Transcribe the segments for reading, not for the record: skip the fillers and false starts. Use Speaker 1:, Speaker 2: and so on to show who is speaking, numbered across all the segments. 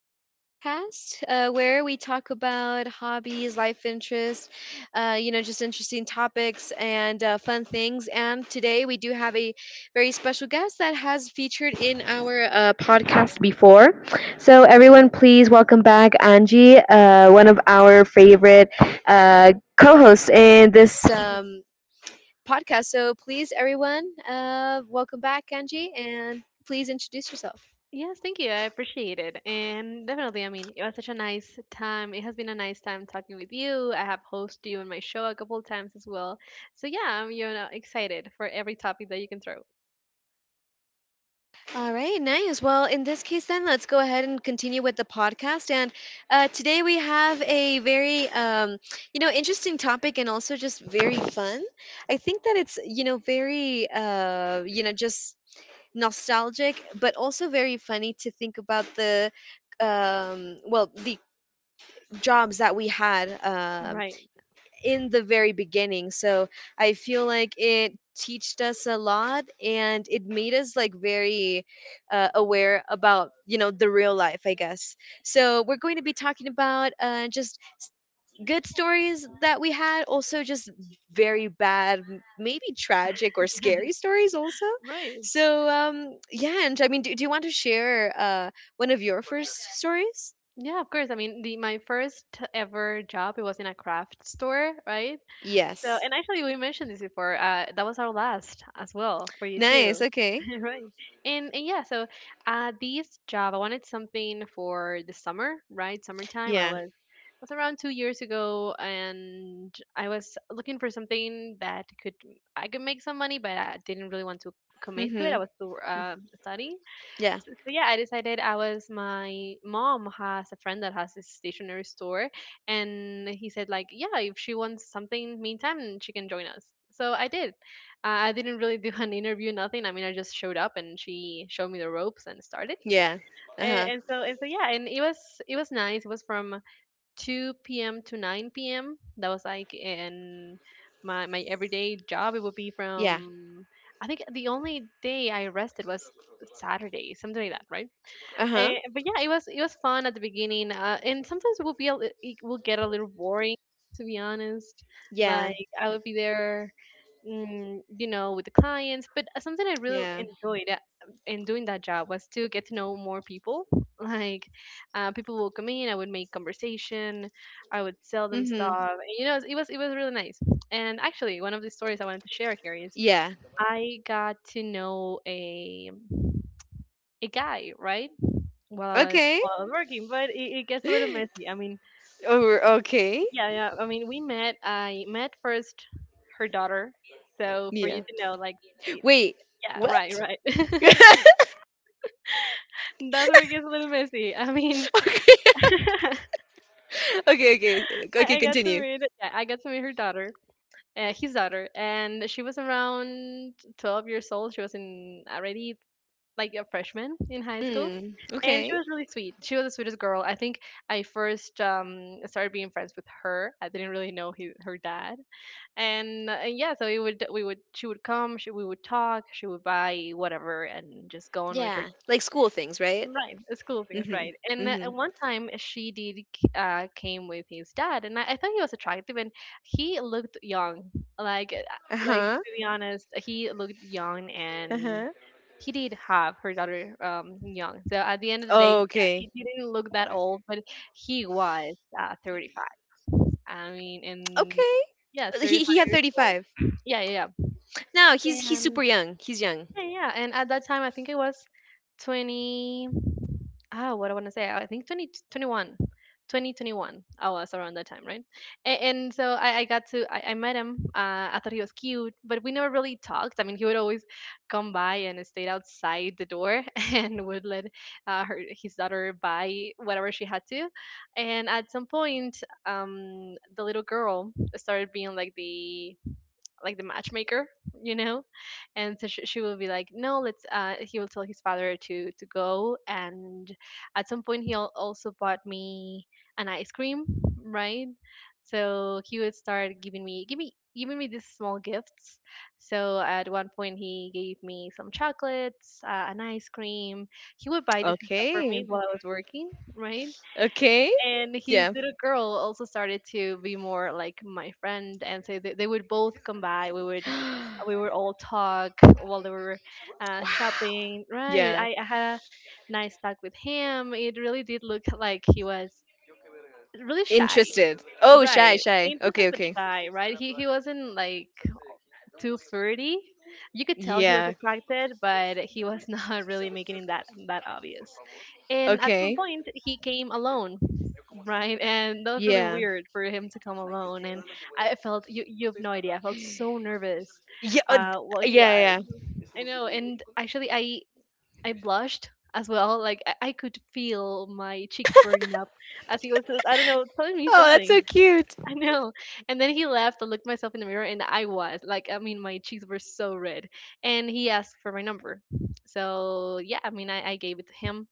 Speaker 1: Anamami's podcast, where we talk about hobbies, life interests, just interesting topics and fun things. And today we do have a very special guest that has featured in our podcast before. So, everyone, please welcome back Angie, one of our favorite co hosts in this podcast. So, please, everyone, welcome back, Angie, and please introduce yourself.
Speaker 2: Yes, thank you. I appreciate it. And definitely, I mean, it was such a nice time. It has been a nice time talking with you. I have hosted you on my show a couple of times as well. So yeah, I'm, excited for every topic that you can throw.
Speaker 1: All right, nice. Well, in this case, then let's go ahead and continue with the podcast. And today we have a very, interesting topic and also just very fun. I think that it's just nostalgic, but also very funny to think about the jobs that we had.
Speaker 2: Right,
Speaker 1: In the very beginning. So I feel like it taught us a lot and it made us like very aware about, you know, the real life, I guess. So we're going to be talking about good stories that we had, also just very bad, maybe tragic or scary stories also.
Speaker 2: right.
Speaker 1: So yeah, and I mean, do you want to share one of your first stories?
Speaker 2: Yeah, of course. I mean, the my first ever job, it was in a craft store, right? So,
Speaker 1: Yes.
Speaker 2: and actually, we mentioned this before. That was our last as well for you
Speaker 1: Nice.
Speaker 2: too,
Speaker 1: Okay.
Speaker 2: right? And yeah, so this job, I wanted something for the summer, right? Summertime. I
Speaker 1: Yeah.
Speaker 2: was it was around 2 years ago, and I was looking for something that could I could make some money, but I didn't really want to commit to it. I
Speaker 1: Mm-hmm.
Speaker 2: was still studying.
Speaker 1: Yeah.
Speaker 2: So yeah, I decided I was my mom has a friend that has this stationery store, and he said like, yeah, if she wants something meantime, she can join us. So I did. I didn't really do an interview, nothing. I mean, I just showed up and she showed me the ropes and started.
Speaker 1: Yeah. Uh-huh.
Speaker 2: And so yeah, and it was nice. It was from 2 p.m. to 9 p.m. That was like in my my everyday job. It would be
Speaker 1: Yeah.
Speaker 2: from I think the only day I rested was Saturday, something like that, right?
Speaker 1: Uh-huh.
Speaker 2: But yeah, it was fun at the beginning, and sometimes it will get a little boring, to be honest. Like
Speaker 1: Yeah.
Speaker 2: I would be there, with the clients. But something I really
Speaker 1: Yeah.
Speaker 2: enjoyed in doing that job was to get to know more people. Like people will come in, I would make conversation, I would sell them stuff.
Speaker 1: Mhm.
Speaker 2: And, you know, it was really nice. And actually, one of the stories I wanted to share here is
Speaker 1: Yeah.
Speaker 2: I got to know a guy, right? while I was
Speaker 1: Okay.
Speaker 2: while I was working, but it gets a little messy. I mean,
Speaker 1: Over okay.
Speaker 2: yeah, yeah. I mean, we met. I met first her daughter, so for you
Speaker 1: Yeah.
Speaker 2: to know, like, it,
Speaker 1: Wait.
Speaker 2: yeah, right,
Speaker 1: What?
Speaker 2: right. That's where it gets a little messy. I mean,
Speaker 1: Okay.
Speaker 2: I,
Speaker 1: Okay, okay. Okay,
Speaker 2: I got to
Speaker 1: continue.
Speaker 2: meet. Yeah, I got to meet her daughter. His daughter, and she was around 12 years old. She was in already like a freshman in high school,
Speaker 1: Mm.
Speaker 2: and
Speaker 1: Okay.
Speaker 2: she was really sweet. She was the sweetest girl. I think I first started being friends with her. I didn't really know her dad, and yeah, so we would talk, she would buy whatever and just go on with her.
Speaker 1: Yeah. Like school things, right?
Speaker 2: Right, school things,
Speaker 1: Mhm.
Speaker 2: right. And
Speaker 1: Mhm.
Speaker 2: one time she did came with his dad, and I thought he was attractive, and he looked young, like uh,
Speaker 1: Uh-huh.
Speaker 2: to be honest, he looked young. And
Speaker 1: Uh-huh.
Speaker 2: he did have her daughter young, so at the end of the day, yeah,
Speaker 1: Okay.
Speaker 2: he didn't look that old. But he was 35, I mean, and
Speaker 1: Okay.
Speaker 2: yes,
Speaker 1: He
Speaker 2: 35
Speaker 1: had
Speaker 2: years old.
Speaker 1: 35.
Speaker 2: Yeah, yeah, yeah.
Speaker 1: No, he's
Speaker 2: And
Speaker 1: super young. He's young.
Speaker 2: yeah, yeah, yeah. And at that time, I think it was 20, ah, what I want to say, I think 20, 21, 2021. I was around that time, right? And so I met him. I thought he was cute, but we never really talked. I mean, he would always come by and stayed outside the door and would let his daughter buy whatever she had to. And at some point, the little girl started being like the matchmaker, you know. And so she will be like, no, let's he will tell his father to go. And at some point, he also bought me an ice cream, right? So he would start giving me these small gifts. So at one point he gave me some chocolates, an ice cream. He would buy this stuff for
Speaker 1: Okay.
Speaker 2: me while I was working, right?
Speaker 1: Okay.
Speaker 2: And his
Speaker 1: Yeah.
Speaker 2: little girl also started to be more like my friend. And so they would both come by. we would
Speaker 1: Wow.
Speaker 2: we would all talk while they were shopping, right?
Speaker 1: Yeah.
Speaker 2: I had a nice talk with him. It really did look like he was really shy,
Speaker 1: Interested.
Speaker 2: right?
Speaker 1: Shy.
Speaker 2: Interested
Speaker 1: Okay,
Speaker 2: but
Speaker 1: okay.
Speaker 2: shy, right? He wasn't like too flirty. You could tell he was
Speaker 1: Yeah.
Speaker 2: attracted, but he was not really making it that obvious. And at some
Speaker 1: Okay.
Speaker 2: point, he came alone, right? And that was really
Speaker 1: Yeah.
Speaker 2: weird for him to come alone. And I felt, you have no idea. I felt so nervous
Speaker 1: Yeah. uh, d-
Speaker 2: while he was.
Speaker 1: yeah.
Speaker 2: I know, and actually, I blushed as well. Like I could feel my cheeks burning up as he was, I don't know, telling me
Speaker 1: Oh, that's
Speaker 2: something.
Speaker 1: so cute.
Speaker 2: I know. And then he left. I looked myself in the mirror and I was like, I mean, my cheeks were so red. And he asked for my number. So, yeah, I mean, I gave it to him.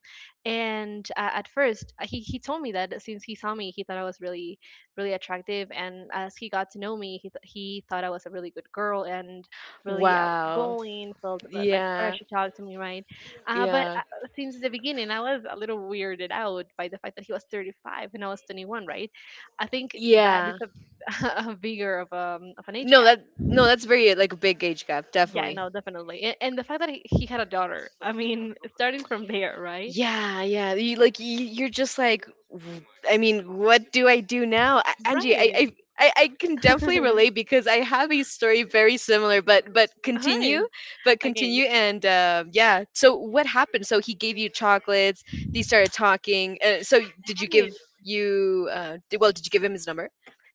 Speaker 2: And at first, he told me that since he saw me, he thought I was really, really attractive. And as he got to know me, he thought I was a really good girl and really
Speaker 1: Wow.
Speaker 2: outgoing, felt like
Speaker 1: Yeah.
Speaker 2: pressure to talk to me, right? Uh, but
Speaker 1: Yeah.
Speaker 2: uh, since the beginning, I was a little weirded out by the fact that he was 35 and I was 21, right? I think that is
Speaker 1: Yeah.
Speaker 2: a, a bigger of an age
Speaker 1: No,
Speaker 2: gap.
Speaker 1: that no, that's very like a big age gap,
Speaker 2: Yeah,
Speaker 1: definitely.
Speaker 2: no, definitely. And the fact that he had a daughter. I mean, starting from there, right?
Speaker 1: Yeah, yeah. You like you're just like, I mean, what do I do now, Angie?
Speaker 2: Right.
Speaker 1: I can definitely relate because I have a story very similar. But
Speaker 2: All right.
Speaker 1: continue, but
Speaker 2: Okay. Yeah,
Speaker 1: continue, and yeah. So what happened? So he gave you chocolates. They started talking. So did you
Speaker 2: right.
Speaker 1: give you? D- Well, did you give him his number?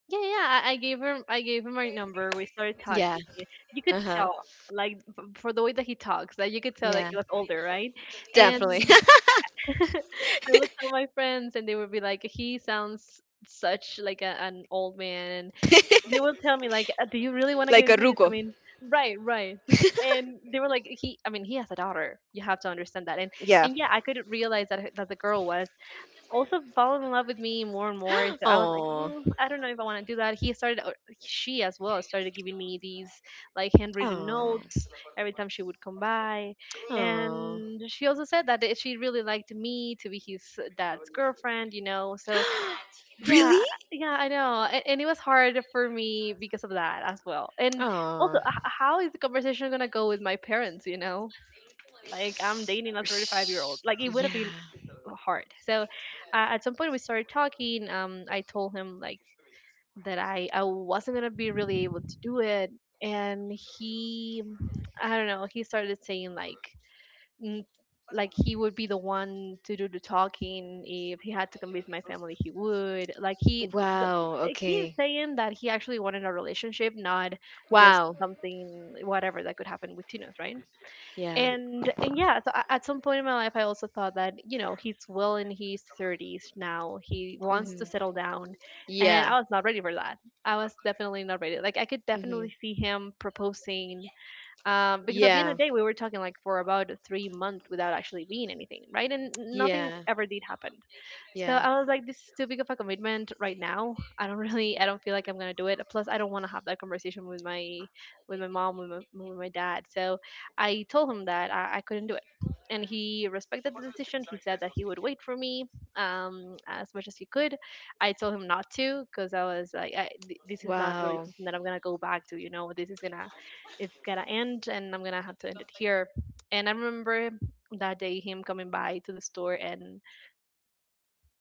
Speaker 2: Yeah, yeah. I gave him. I gave him my number. We started
Speaker 1: Yeah.
Speaker 2: talking. You
Speaker 1: Uh
Speaker 2: could
Speaker 1: huh.
Speaker 2: tell, like, for the way that he talks, that you could tell that
Speaker 1: Yeah.
Speaker 2: he was older, right? And
Speaker 1: Definitely.
Speaker 2: I would tell my friends, and they would be like, "He sounds such like an old man," and they would tell me like, "Do you really want to get
Speaker 1: Like a
Speaker 2: into this?" I
Speaker 1: ruko.
Speaker 2: mean, right, right. And they were like, "He, I mean, he has a daughter. You have to understand that."
Speaker 1: Yeah.
Speaker 2: And yeah, I could realize that that the girl was also fallen in love with me more and more. So I was like,
Speaker 1: Oh.
Speaker 2: mm, I don't know if I want to do that. He started, or she as well, started giving me these like handwritten
Speaker 1: Oh.
Speaker 2: notes every time she would come by.
Speaker 1: Oh.
Speaker 2: And she also said that she really liked me to be his dad's girlfriend, you know. So
Speaker 1: Really?
Speaker 2: yeah, yeah, I know. And it was hard for me because of that as well. And also,
Speaker 1: Oh,
Speaker 2: how is the conversation going to go with my parents, you know? Like I'm dating a 35-year-old.
Speaker 1: sh-
Speaker 2: Like it would have
Speaker 1: yeah.
Speaker 2: been hard. So at some point we started talking. I told him like that I wasn't gonna be really able to do it, and he, I don't know. He started saying like mm, like he would be the one to do the talking if he had to convince my family. He would like he the,
Speaker 1: Wow.
Speaker 2: He's
Speaker 1: Okay.
Speaker 2: saying that he actually wanted a relationship, not just
Speaker 1: Wow.
Speaker 2: something whatever that could happen with teenagers, right?
Speaker 1: Yeah.
Speaker 2: And yeah, so at some point in my life I also thought that, you know, he's well in his 30s now, he wants to
Speaker 1: Mm-hmm.
Speaker 2: settle down. And
Speaker 1: Yeah.
Speaker 2: I was not ready for that. I was definitely not ready. Like I could
Speaker 1: Mm-hmm.
Speaker 2: definitely see him proposing, because at the end
Speaker 1: Yeah.
Speaker 2: of the day we were talking like for about 3 months without actually being anything, right? And nothing
Speaker 1: Yeah.
Speaker 2: ever did happen. So
Speaker 1: Yeah.
Speaker 2: I was like, this is too big of a commitment right now. I don't really, I don't feel like I'm gonna do it. Plus, I don't want to have that conversation with my with my dad. So I told him that I couldn't do it, and he respected the decision. He said that he would wait for me as much as he could. I told him not to, because I was like, this is not really
Speaker 1: Wow.
Speaker 2: something that I'm gonna go back to, you know. This is gonna, it's gotta end, and I'm gonna have to end it here. And I remember that day him coming by to the store, and,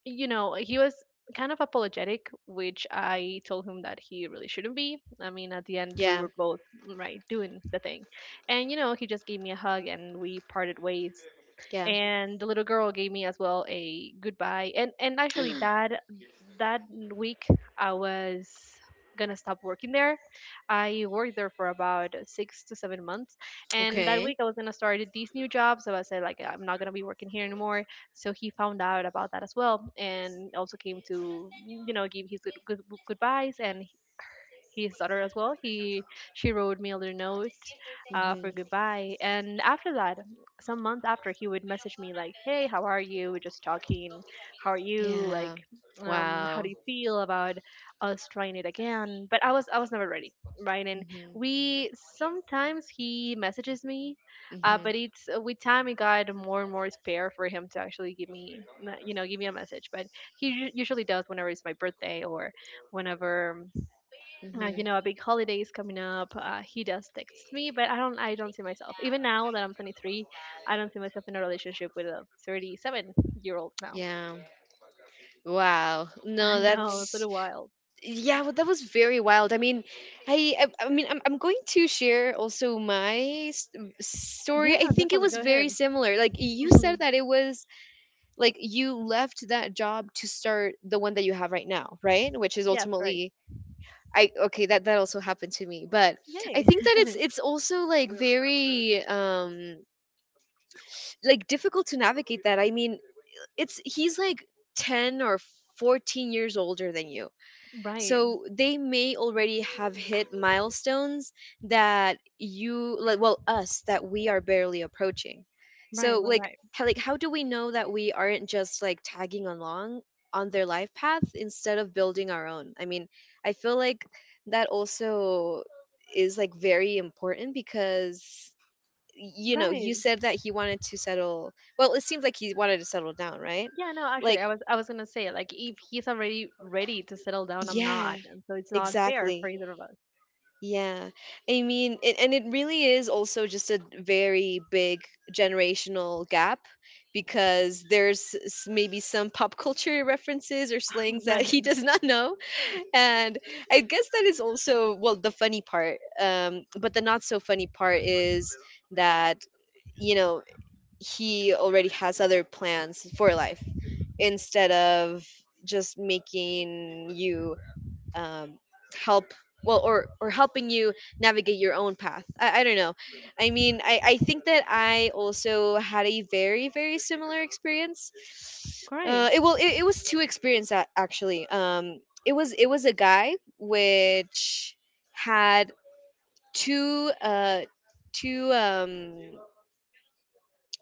Speaker 2: you know, he was kind of apologetic, which I told him that he really shouldn't be. I mean, at the end we
Speaker 1: Yeah.
Speaker 2: were both right doing the thing. And he just gave me a hug and we parted ways,
Speaker 1: Yeah.
Speaker 2: and the little girl gave me as well a goodbye, and actually that that week I was gonna stop working there. I worked there for about 6 to 7 months, and that
Speaker 1: Okay.
Speaker 2: week I was gonna start these new jobs, so I said, like, I'm not gonna be working here anymore. So he found out about that as well, and also came to give his goodbyes. And his daughter, as well, he she wrote me a little note for
Speaker 1: Mm-hmm.
Speaker 2: goodbye. And after that, some months after, he would message me like, hey, how are you? We're just talking. How are you,
Speaker 1: Yeah.
Speaker 2: like, how do
Speaker 1: Wow.
Speaker 2: you feel about us trying it again? But I was never ready, right? And
Speaker 1: Mm-hmm.
Speaker 2: we sometimes he messages me, but it's, with time it got more and more spare for him to actually give me a message. But he usually does whenever it's my birthday, or whenever,
Speaker 1: Mm-hmm. Mm-hmm.
Speaker 2: a big holiday is coming up. He does text me, but I don't see myself, even now that I'm 23, I don't see myself in a relationship with a 37-year-old now.
Speaker 1: Yeah. Wow.
Speaker 2: I
Speaker 1: No,
Speaker 2: know, it's a
Speaker 1: that's
Speaker 2: little wild.
Speaker 1: Yeah, well, that was very wild. I I mean, I'm going to share also my s- story. I
Speaker 2: Yeah,
Speaker 1: think it
Speaker 2: definitely,
Speaker 1: was
Speaker 2: go
Speaker 1: very
Speaker 2: ahead.
Speaker 1: similar. Like you said
Speaker 2: Hmm.
Speaker 1: that it was like you left that job to start the one that you have right now, right, which is
Speaker 2: Yes. Right.
Speaker 1: ultimately I okay, that that also happened to me. But I think
Speaker 2: Yay.
Speaker 1: that it's also like very like difficult to navigate that. I mean, it's, he's like 10 or 14 years older than you,
Speaker 2: Right,
Speaker 1: so they may already have hit milestones that you, like, well, us, that we are barely approaching. So
Speaker 2: right, right,
Speaker 1: like,
Speaker 2: right,
Speaker 1: like how do we know that we aren't just like tagging along on their life path instead of building our own? I mean, I feel like that also is like very important because you know, you
Speaker 2: right.
Speaker 1: said that he wanted to settle, well, it seems like he wanted to settle down, right?
Speaker 2: Yeah, no,
Speaker 1: Like,
Speaker 2: actually, I was gonna say, like, if he's already ready to settle down, I'm
Speaker 1: yeah,
Speaker 2: not, and so it's not fair
Speaker 1: exactly.
Speaker 2: for either of us.
Speaker 1: Yeah. And it really is also just a very big generational gap because maybe some pop culture references or slangs that he
Speaker 2: Right.
Speaker 1: does not know. And I guess that is also, well, the funny part. But the not so funny part is that, you know, he already has other plans for life instead of just making you um, help well or helping you navigate your own path. I don't know. I think that I also had a very very similar experience.
Speaker 2: Great.
Speaker 1: It was two experience actually. It was a guy which had two uh, two um,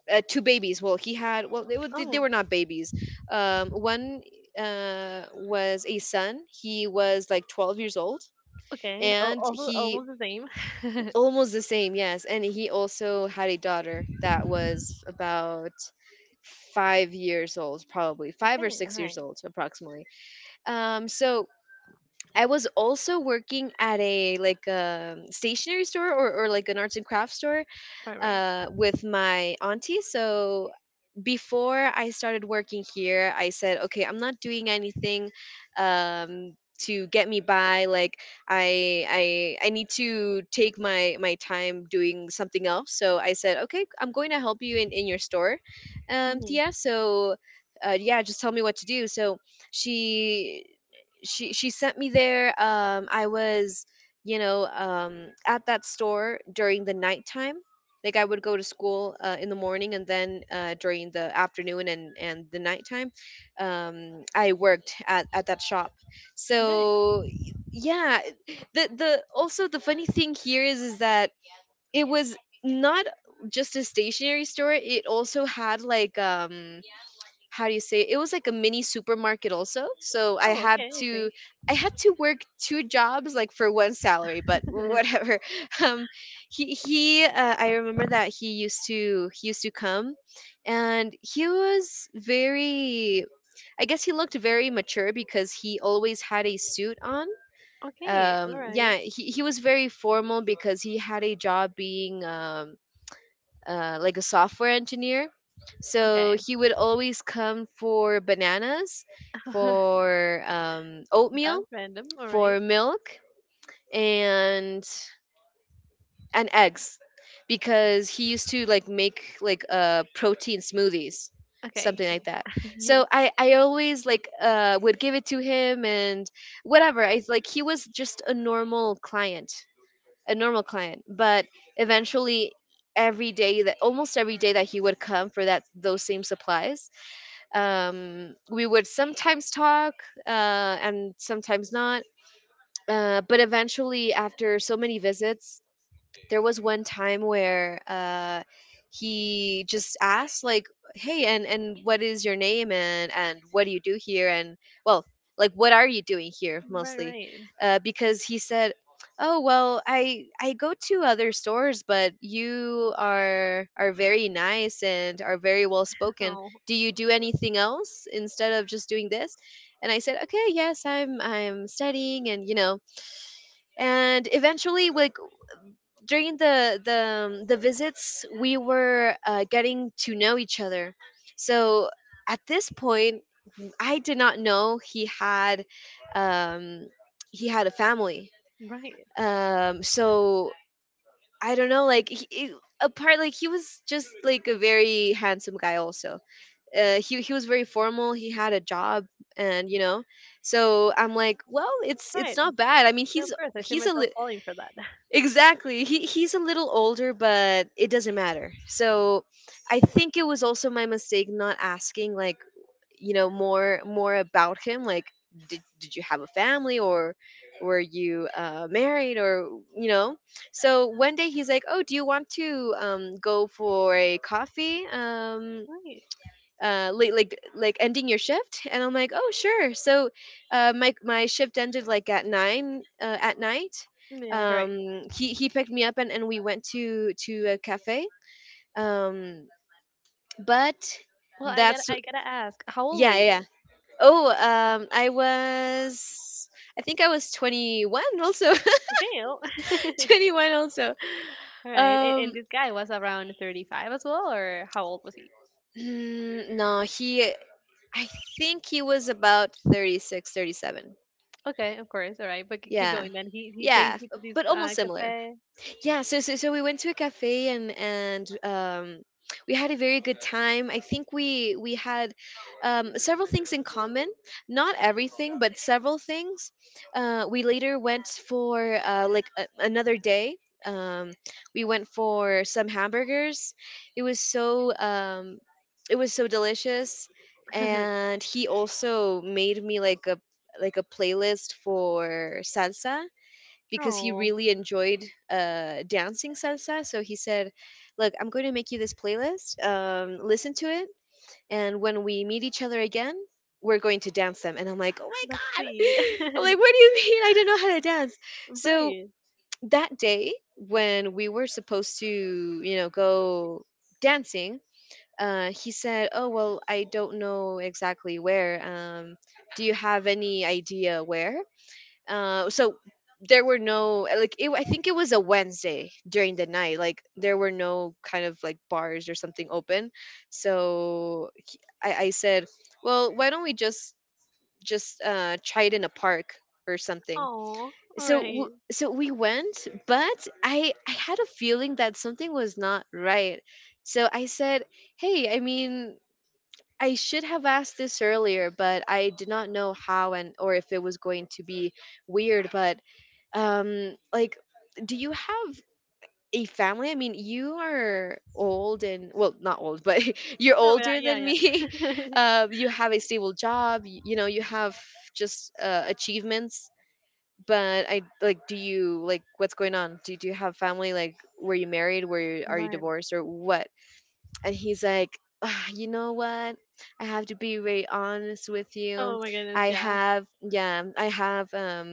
Speaker 1: two babies. Well, he had, well, they were
Speaker 2: Oh,
Speaker 1: not babies. One was a son, he was like 12 years old.
Speaker 2: okay. Al
Speaker 1: And
Speaker 2: also
Speaker 1: he
Speaker 2: almost the same.
Speaker 1: almost the same, yes, and he also had a daughter that was about 5 years old, probably five or
Speaker 2: Okay, all
Speaker 1: six years
Speaker 2: right.
Speaker 1: old approximately. So I was also working at a like a stationery store, or like an arts and crafts store
Speaker 2: Right, right.
Speaker 1: with my auntie. So before I started working here, I said, okay, I'm not doing anything um, to get me by. Like I, I need to take my time doing something else. So I said, okay, I'm going to help you in your store,
Speaker 2: Hmm.
Speaker 1: Tia. So. Yeah, just tell me what to do. So she she sent me there. I was you know at that store during the nighttime, like I would go to school in the morning and then during the afternoon and the nighttime. I worked at that shop.
Speaker 2: Okay.
Speaker 1: So yeah, the also the funny thing here is that it was not just a stationery store, it also had like how do you say, it was like a mini supermarket also. So
Speaker 2: Oh, okay, I see.
Speaker 1: I had to work 2 jobs like for one salary, but whatever. um he I remember that he used to come. And he was very, I guess, he looked very mature because he always had a suit on.
Speaker 2: Okay, all
Speaker 1: Yeah,
Speaker 2: right.
Speaker 1: he was very formal because he had a job being like a software engineer. So
Speaker 2: Okay.
Speaker 1: he would always come for bananas, for oatmeal,
Speaker 2: That's random, all
Speaker 1: for
Speaker 2: right.
Speaker 1: milk and eggs, because he used to like make like protein smoothies, something
Speaker 2: Okay.
Speaker 1: like that. So I always like would give it to him and whatever. I like He was just a normal client, a normal client. But eventually, every day that almost every day that he would come for that those same supplies, we would sometimes talk uh, and sometimes not. But eventually, after so many visits, there was one time where he just asked like, hey, and what is your name? And what do you do here? And, well, like, what are you doing here
Speaker 2: Right,
Speaker 1: mostly?
Speaker 2: right.
Speaker 1: Because he said, oh well, I go to other stores, but you are very nice and are very well spoken.
Speaker 2: Oh,
Speaker 1: Do you do anything else instead of just doing this? And I said, okay, yes, I'm studying. And you know, and eventually like during the visits, we were getting to know each other. So at this point, I did not know um he had a family.
Speaker 2: right,
Speaker 1: So I don't know. Like apart, like he was just like a very handsome guy also. He was very formal, he had a job, and you know. So I'm like, well, it's
Speaker 2: right.
Speaker 1: not bad, I mean, he's
Speaker 2: No, of course, I see
Speaker 1: he's a
Speaker 2: myself falling for that.
Speaker 1: Exactly. He's a little older, but it doesn't matter. So I think it was also my mistake not asking like, you know, more about him. Like, did you have a family, or were you married, or you know. So one day he's like, oh, do you want to go for a coffee?
Speaker 2: Right.
Speaker 1: Late, like ending your shift. And I'm like, oh, sure. So my my shift ended like at nine at night.
Speaker 2: Yeah, great.
Speaker 1: He picked me up, and we went to a cafe. um but
Speaker 2: Well, I
Speaker 1: that's
Speaker 2: gotta, I gotta ask, how old were
Speaker 1: yeah.
Speaker 2: you?
Speaker 1: Oh, I think I was 21 also.
Speaker 2: Okay. Oh.
Speaker 1: 21 also.
Speaker 2: All right.
Speaker 1: um
Speaker 2: And this guy was around 35 as well, or how old was he?
Speaker 1: no, he I think he was about 36 37.
Speaker 2: Okay, of course. All right, but keep
Speaker 1: Yeah.
Speaker 2: going then. He
Speaker 1: Yeah,
Speaker 2: takes you to this
Speaker 1: but almost similar.
Speaker 2: cafe.
Speaker 1: Yeah, so we went to a cafe and we had a very good time. I think we had several things in common, not everything, but several things. We later went for another day, um, we went for some hamburgers. it was so um, it was so delicious. And he also made me like a playlist for salsa, because he
Speaker 2: Oh,
Speaker 1: really enjoyed dancing salsa. So he said, look, I'm going to make you this playlist. Listen to it. And when we meet each other again, we're going to dance them. And I'm like, oh my
Speaker 2: that's
Speaker 1: God.
Speaker 2: sweet.
Speaker 1: I'm like, what do you mean? I don't know how to dance. So
Speaker 2: Right.
Speaker 1: that day, when we were supposed to, you know, go dancing, he said, oh well, I don't know exactly where. Do you have any idea where? So there were no I think it was a Wednesday during the night. Like there were no kind of like bars or something open, so I said, well, why don't we just try it in a park or something.
Speaker 2: Oh,
Speaker 1: So w-
Speaker 2: alright.
Speaker 1: so we went, but I had a feeling that something was not right. So I said, hey, I mean, I should have asked this earlier, but I did not know how, and or if it was going to be weird, but um like do you have a family? I mean, you are old, and well, not old, but you're
Speaker 2: No, but,
Speaker 1: older than
Speaker 2: yeah,
Speaker 1: me.
Speaker 2: yeah.
Speaker 1: You have a stable job. You know, you have just achievements. But I like, do you like what's going on? Do you have family? Like, were you married? Were you, are you
Speaker 2: Right.
Speaker 1: divorced or what? And he's like, "Ah, you know what, I have to be very honest with you.
Speaker 2: Oh my
Speaker 1: I
Speaker 2: goodness, yeah.
Speaker 1: have Yeah, I have,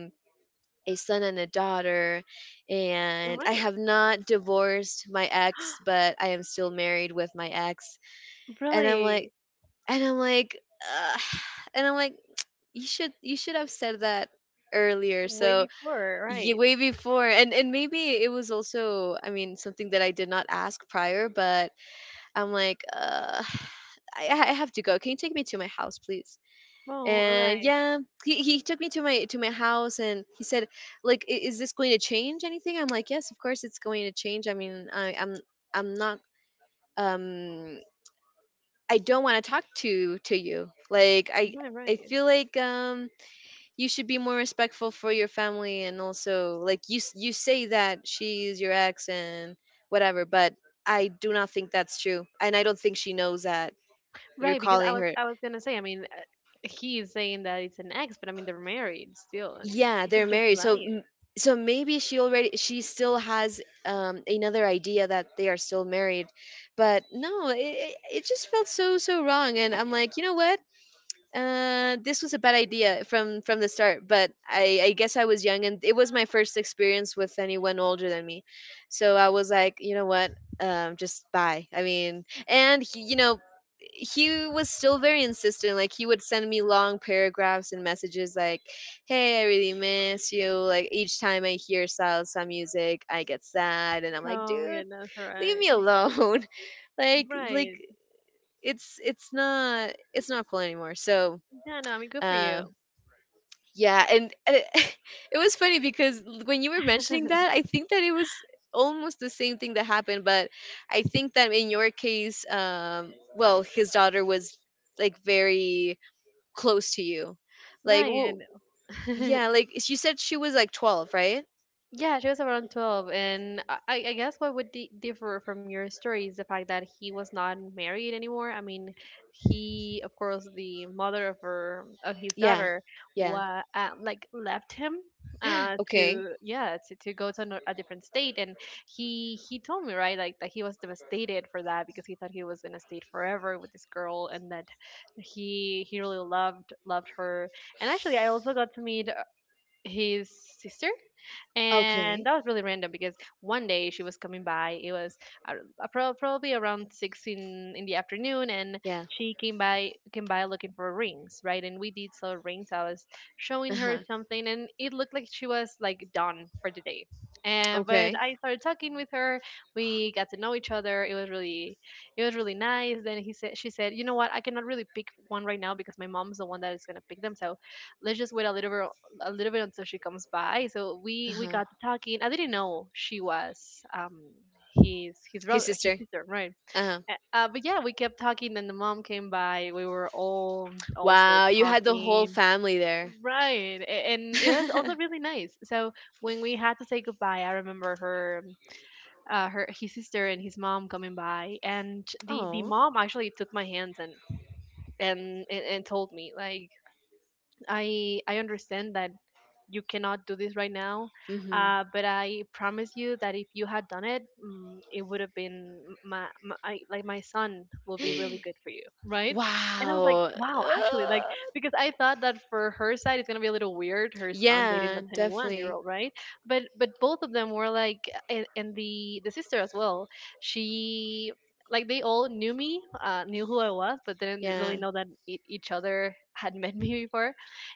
Speaker 1: a son and a daughter, and I have
Speaker 2: Alright.
Speaker 1: not divorced my ex, but I am still married with my ex." And I'm like,
Speaker 2: Really?
Speaker 1: and I'm like, ugh. And I'm like, you should have said that earlier.
Speaker 2: Way
Speaker 1: So
Speaker 2: before,
Speaker 1: yeah,
Speaker 2: right.
Speaker 1: way before. And maybe it was also, I mean, something that I did not ask prior, but I'm like, I have to go. Can you take me to my house, please?
Speaker 2: Oh,
Speaker 1: And
Speaker 2: alright.
Speaker 1: yeah, he took me to my house, and he said like, "I- "is this going to change anything?" I'm like, yes, of course it's going to change. I mean, I'm not, um I don't want to talk to you. Like,
Speaker 2: Right, right.
Speaker 1: I feel
Speaker 2: Right,
Speaker 1: like, you should be more respectful for your family. And also, like, you say that she's your ex and whatever, but I do not think that's true, and I don't think she knows that you're
Speaker 2: right, because
Speaker 1: calling
Speaker 2: I
Speaker 1: her.
Speaker 2: was I was gonna say, I mean, he's saying that it's an ex, but I mean, they're married still, and
Speaker 1: Yeah,
Speaker 2: he
Speaker 1: they're
Speaker 2: could
Speaker 1: married.
Speaker 2: just be lying.
Speaker 1: So maybe she already, she still has, another idea that they are still married. But no, it just felt so wrong. And I'm like, "You know what? This was a bad idea from the start, but I guess I was young, and it was my first experience with anyone older than me." So I was like, "You know what? Just bye." I mean, and he- you know, he was still very insistent. Like, he would send me long paragraphs and messages like, "Hey, I really miss you. Like, each time I hear salsa music, I get sad." And I'm like,
Speaker 2: Oh my
Speaker 1: dude,
Speaker 2: goodness, all
Speaker 1: leave me
Speaker 2: right.
Speaker 1: alone. Like,
Speaker 2: Right.
Speaker 1: it's not, it's not cool anymore. So
Speaker 2: Yeah, no, I mean, good for
Speaker 1: uh
Speaker 2: you.
Speaker 1: yeah, it was funny because when you were mentioning that, I think that it was almost the same thing that happened. But I think that in your case, well, his daughter was like very close to you. Like, well,
Speaker 2: Right.
Speaker 1: yeah, like you said, she was like 12, right?
Speaker 2: Yeah, she was around 12, and I guess what would di differ from your story is the fact that he was not married anymore. I mean, he, of course, the mother of her of his
Speaker 1: Yeah.
Speaker 2: daughter,
Speaker 1: Yeah.
Speaker 2: wa like, left him,
Speaker 1: Okay.
Speaker 2: to, yeah, to, go to a different state. And he told me, right, like, that he was devastated for that because he thought he was gonna stay forever with this girl, and that he really loved her. And actually, I also got to meet his sister,
Speaker 1: Okay.
Speaker 2: and that was really random because one day she was coming by. It was, uh, probably around six in the afternoon, and
Speaker 1: Yeah.
Speaker 2: she came by looking for rings, right? And we did sell rings. I was showing
Speaker 1: Uh-huh.
Speaker 2: her something, and it looked like she was, like, done for the day. And
Speaker 1: Okay.
Speaker 2: but I started talking with her. We got to know each other. It was really, it was really nice. Then he said she said, you know what, I cannot really pick one right now because my mom's the one that is going to pick them, so let's just wait a little bit until she comes by. So we
Speaker 1: Uh-huh.
Speaker 2: we got to talking. I didn't know she was his his
Speaker 1: His
Speaker 2: brother,
Speaker 1: sister.
Speaker 2: his sister, right?
Speaker 1: Uh-huh.
Speaker 2: But yeah, we kept talking, and the mom came by. We were all also
Speaker 1: Wow, you had the whole
Speaker 2: talking.
Speaker 1: family there.
Speaker 2: Right, and it was also really nice. So when we had to say goodbye, I remember her, her, his sister and his mom coming by, and the
Speaker 1: Oh.
Speaker 2: mom actually took my hands and told me, like, I understand that you cannot do this right now.
Speaker 1: Mhm.
Speaker 2: But I promise you that if you had done it, mm, it would have been my, my I, like my son will be really good for you, right? And I was
Speaker 1: Wow.
Speaker 2: like, wow, actually, like, because I thought that for her side it's gonna be a little weird, her son
Speaker 1: Yeah,
Speaker 2: dating a 21
Speaker 1: definitely.
Speaker 2: year old, right? But both of them were like, and the sister as well, she, like, they all knew me, knew who I was, but didn't
Speaker 1: Yeah.
Speaker 2: really know that each other had met me before.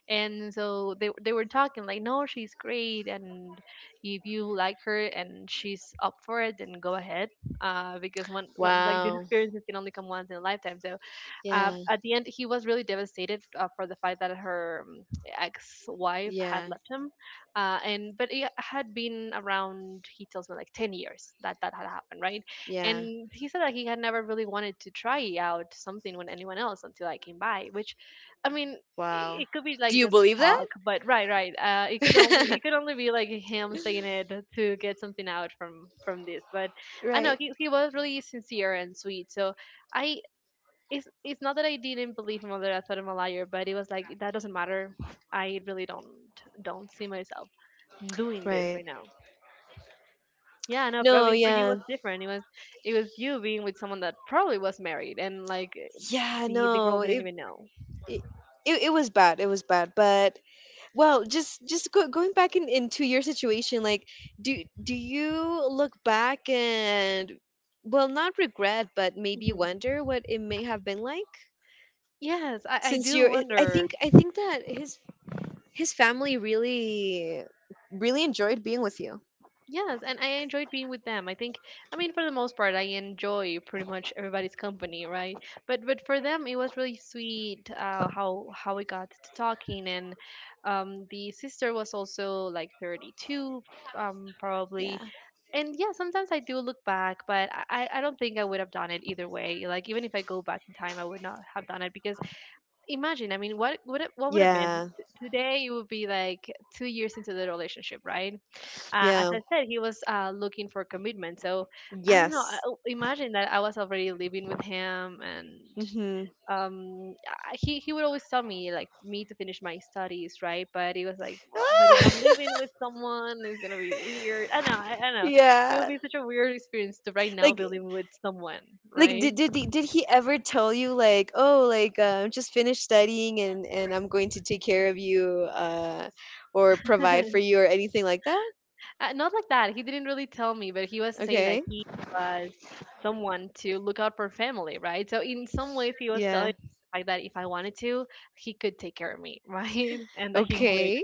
Speaker 2: And so they were talking like, no, she's great, and if you like her and she's up for it, then go ahead, uh, because one like,
Speaker 1: Wow.
Speaker 2: this experience can only come once in a lifetime. So,
Speaker 1: Yeah.
Speaker 2: at the end, he was really devastated, for the fact that her, ex-wife
Speaker 1: Yeah.
Speaker 2: had left him, and but it had been around, he tells me, like, 10 years that had happened, right?
Speaker 1: Yeah.
Speaker 2: And he said that he had never really wanted to try out something with anyone else until I came by. Which, I mean,
Speaker 1: Wow.
Speaker 2: it could be,
Speaker 1: Do you
Speaker 2: like, just
Speaker 1: believe that?
Speaker 2: talk. But right, right. It could only it could only be, like, him saying it to get something out from this. But I
Speaker 1: Right.
Speaker 2: know he was really sincere and sweet. So I it's not that I didn't believe him or that I thought him a liar, but it was, like, that doesn't matter. I really don't see myself doing
Speaker 1: Right.
Speaker 2: this right now. Yeah, no,
Speaker 1: No,
Speaker 2: I mean, for
Speaker 1: yeah.
Speaker 2: you it was different. It was, it was you being with someone that probably was married, and, like,
Speaker 1: Yeah,
Speaker 2: the
Speaker 1: no,
Speaker 2: girl didn't even know.
Speaker 1: it it it was bad. It was bad. But well, going into your situation, like, do you look back and, well, not regret, but maybe
Speaker 2: Hmm.
Speaker 1: wonder what it may have been like?
Speaker 2: Yes, I
Speaker 1: Since you're,
Speaker 2: do
Speaker 1: I think
Speaker 2: wonder.
Speaker 1: I think that his family really really enjoyed being with you.
Speaker 2: Yes, and I enjoyed being with them. I think, I mean, for the most part, I enjoy pretty much everybody's company, right? But for them, it was really sweet, how we got to talking. And, the sister was also like 32,
Speaker 1: Yeah.
Speaker 2: probably. And yeah, sometimes I do look back, but I don't think I would have done it either way. Like, even if I go back in time, I would not have done it because imagine, I mean, what would it, what would have been
Speaker 1: Yeah.
Speaker 2: Today? It would be like 2 years into the relationship, right? Uh,
Speaker 1: Yeah.
Speaker 2: as I said, he was, looking for commitment. So I don't know.
Speaker 1: Yes.
Speaker 2: Imagine that I was already living with him, and,
Speaker 1: Mhm.
Speaker 2: he would always tell me, like, for me to finish my studies, right? But he was like, well, but if I'm living with someone, it's gonna be weird. I know, I, I know.
Speaker 1: Yeah.
Speaker 2: It would be such a weird experience to right
Speaker 1: Like
Speaker 2: now be living with someone, right?
Speaker 1: Did he ever tell you like, oh, like, I'm just finished studying and I'm going to take care of you, or provide for you or anything like that?
Speaker 2: Not like that. He didn't really tell me, but he was saying
Speaker 1: Okay.
Speaker 2: that he was someone to look out for family, right? So in some ways, he was
Speaker 1: Yeah.
Speaker 2: telling me the fact that if I wanted to, he could take care of me, right? And that he
Speaker 1: Okay.
Speaker 2: would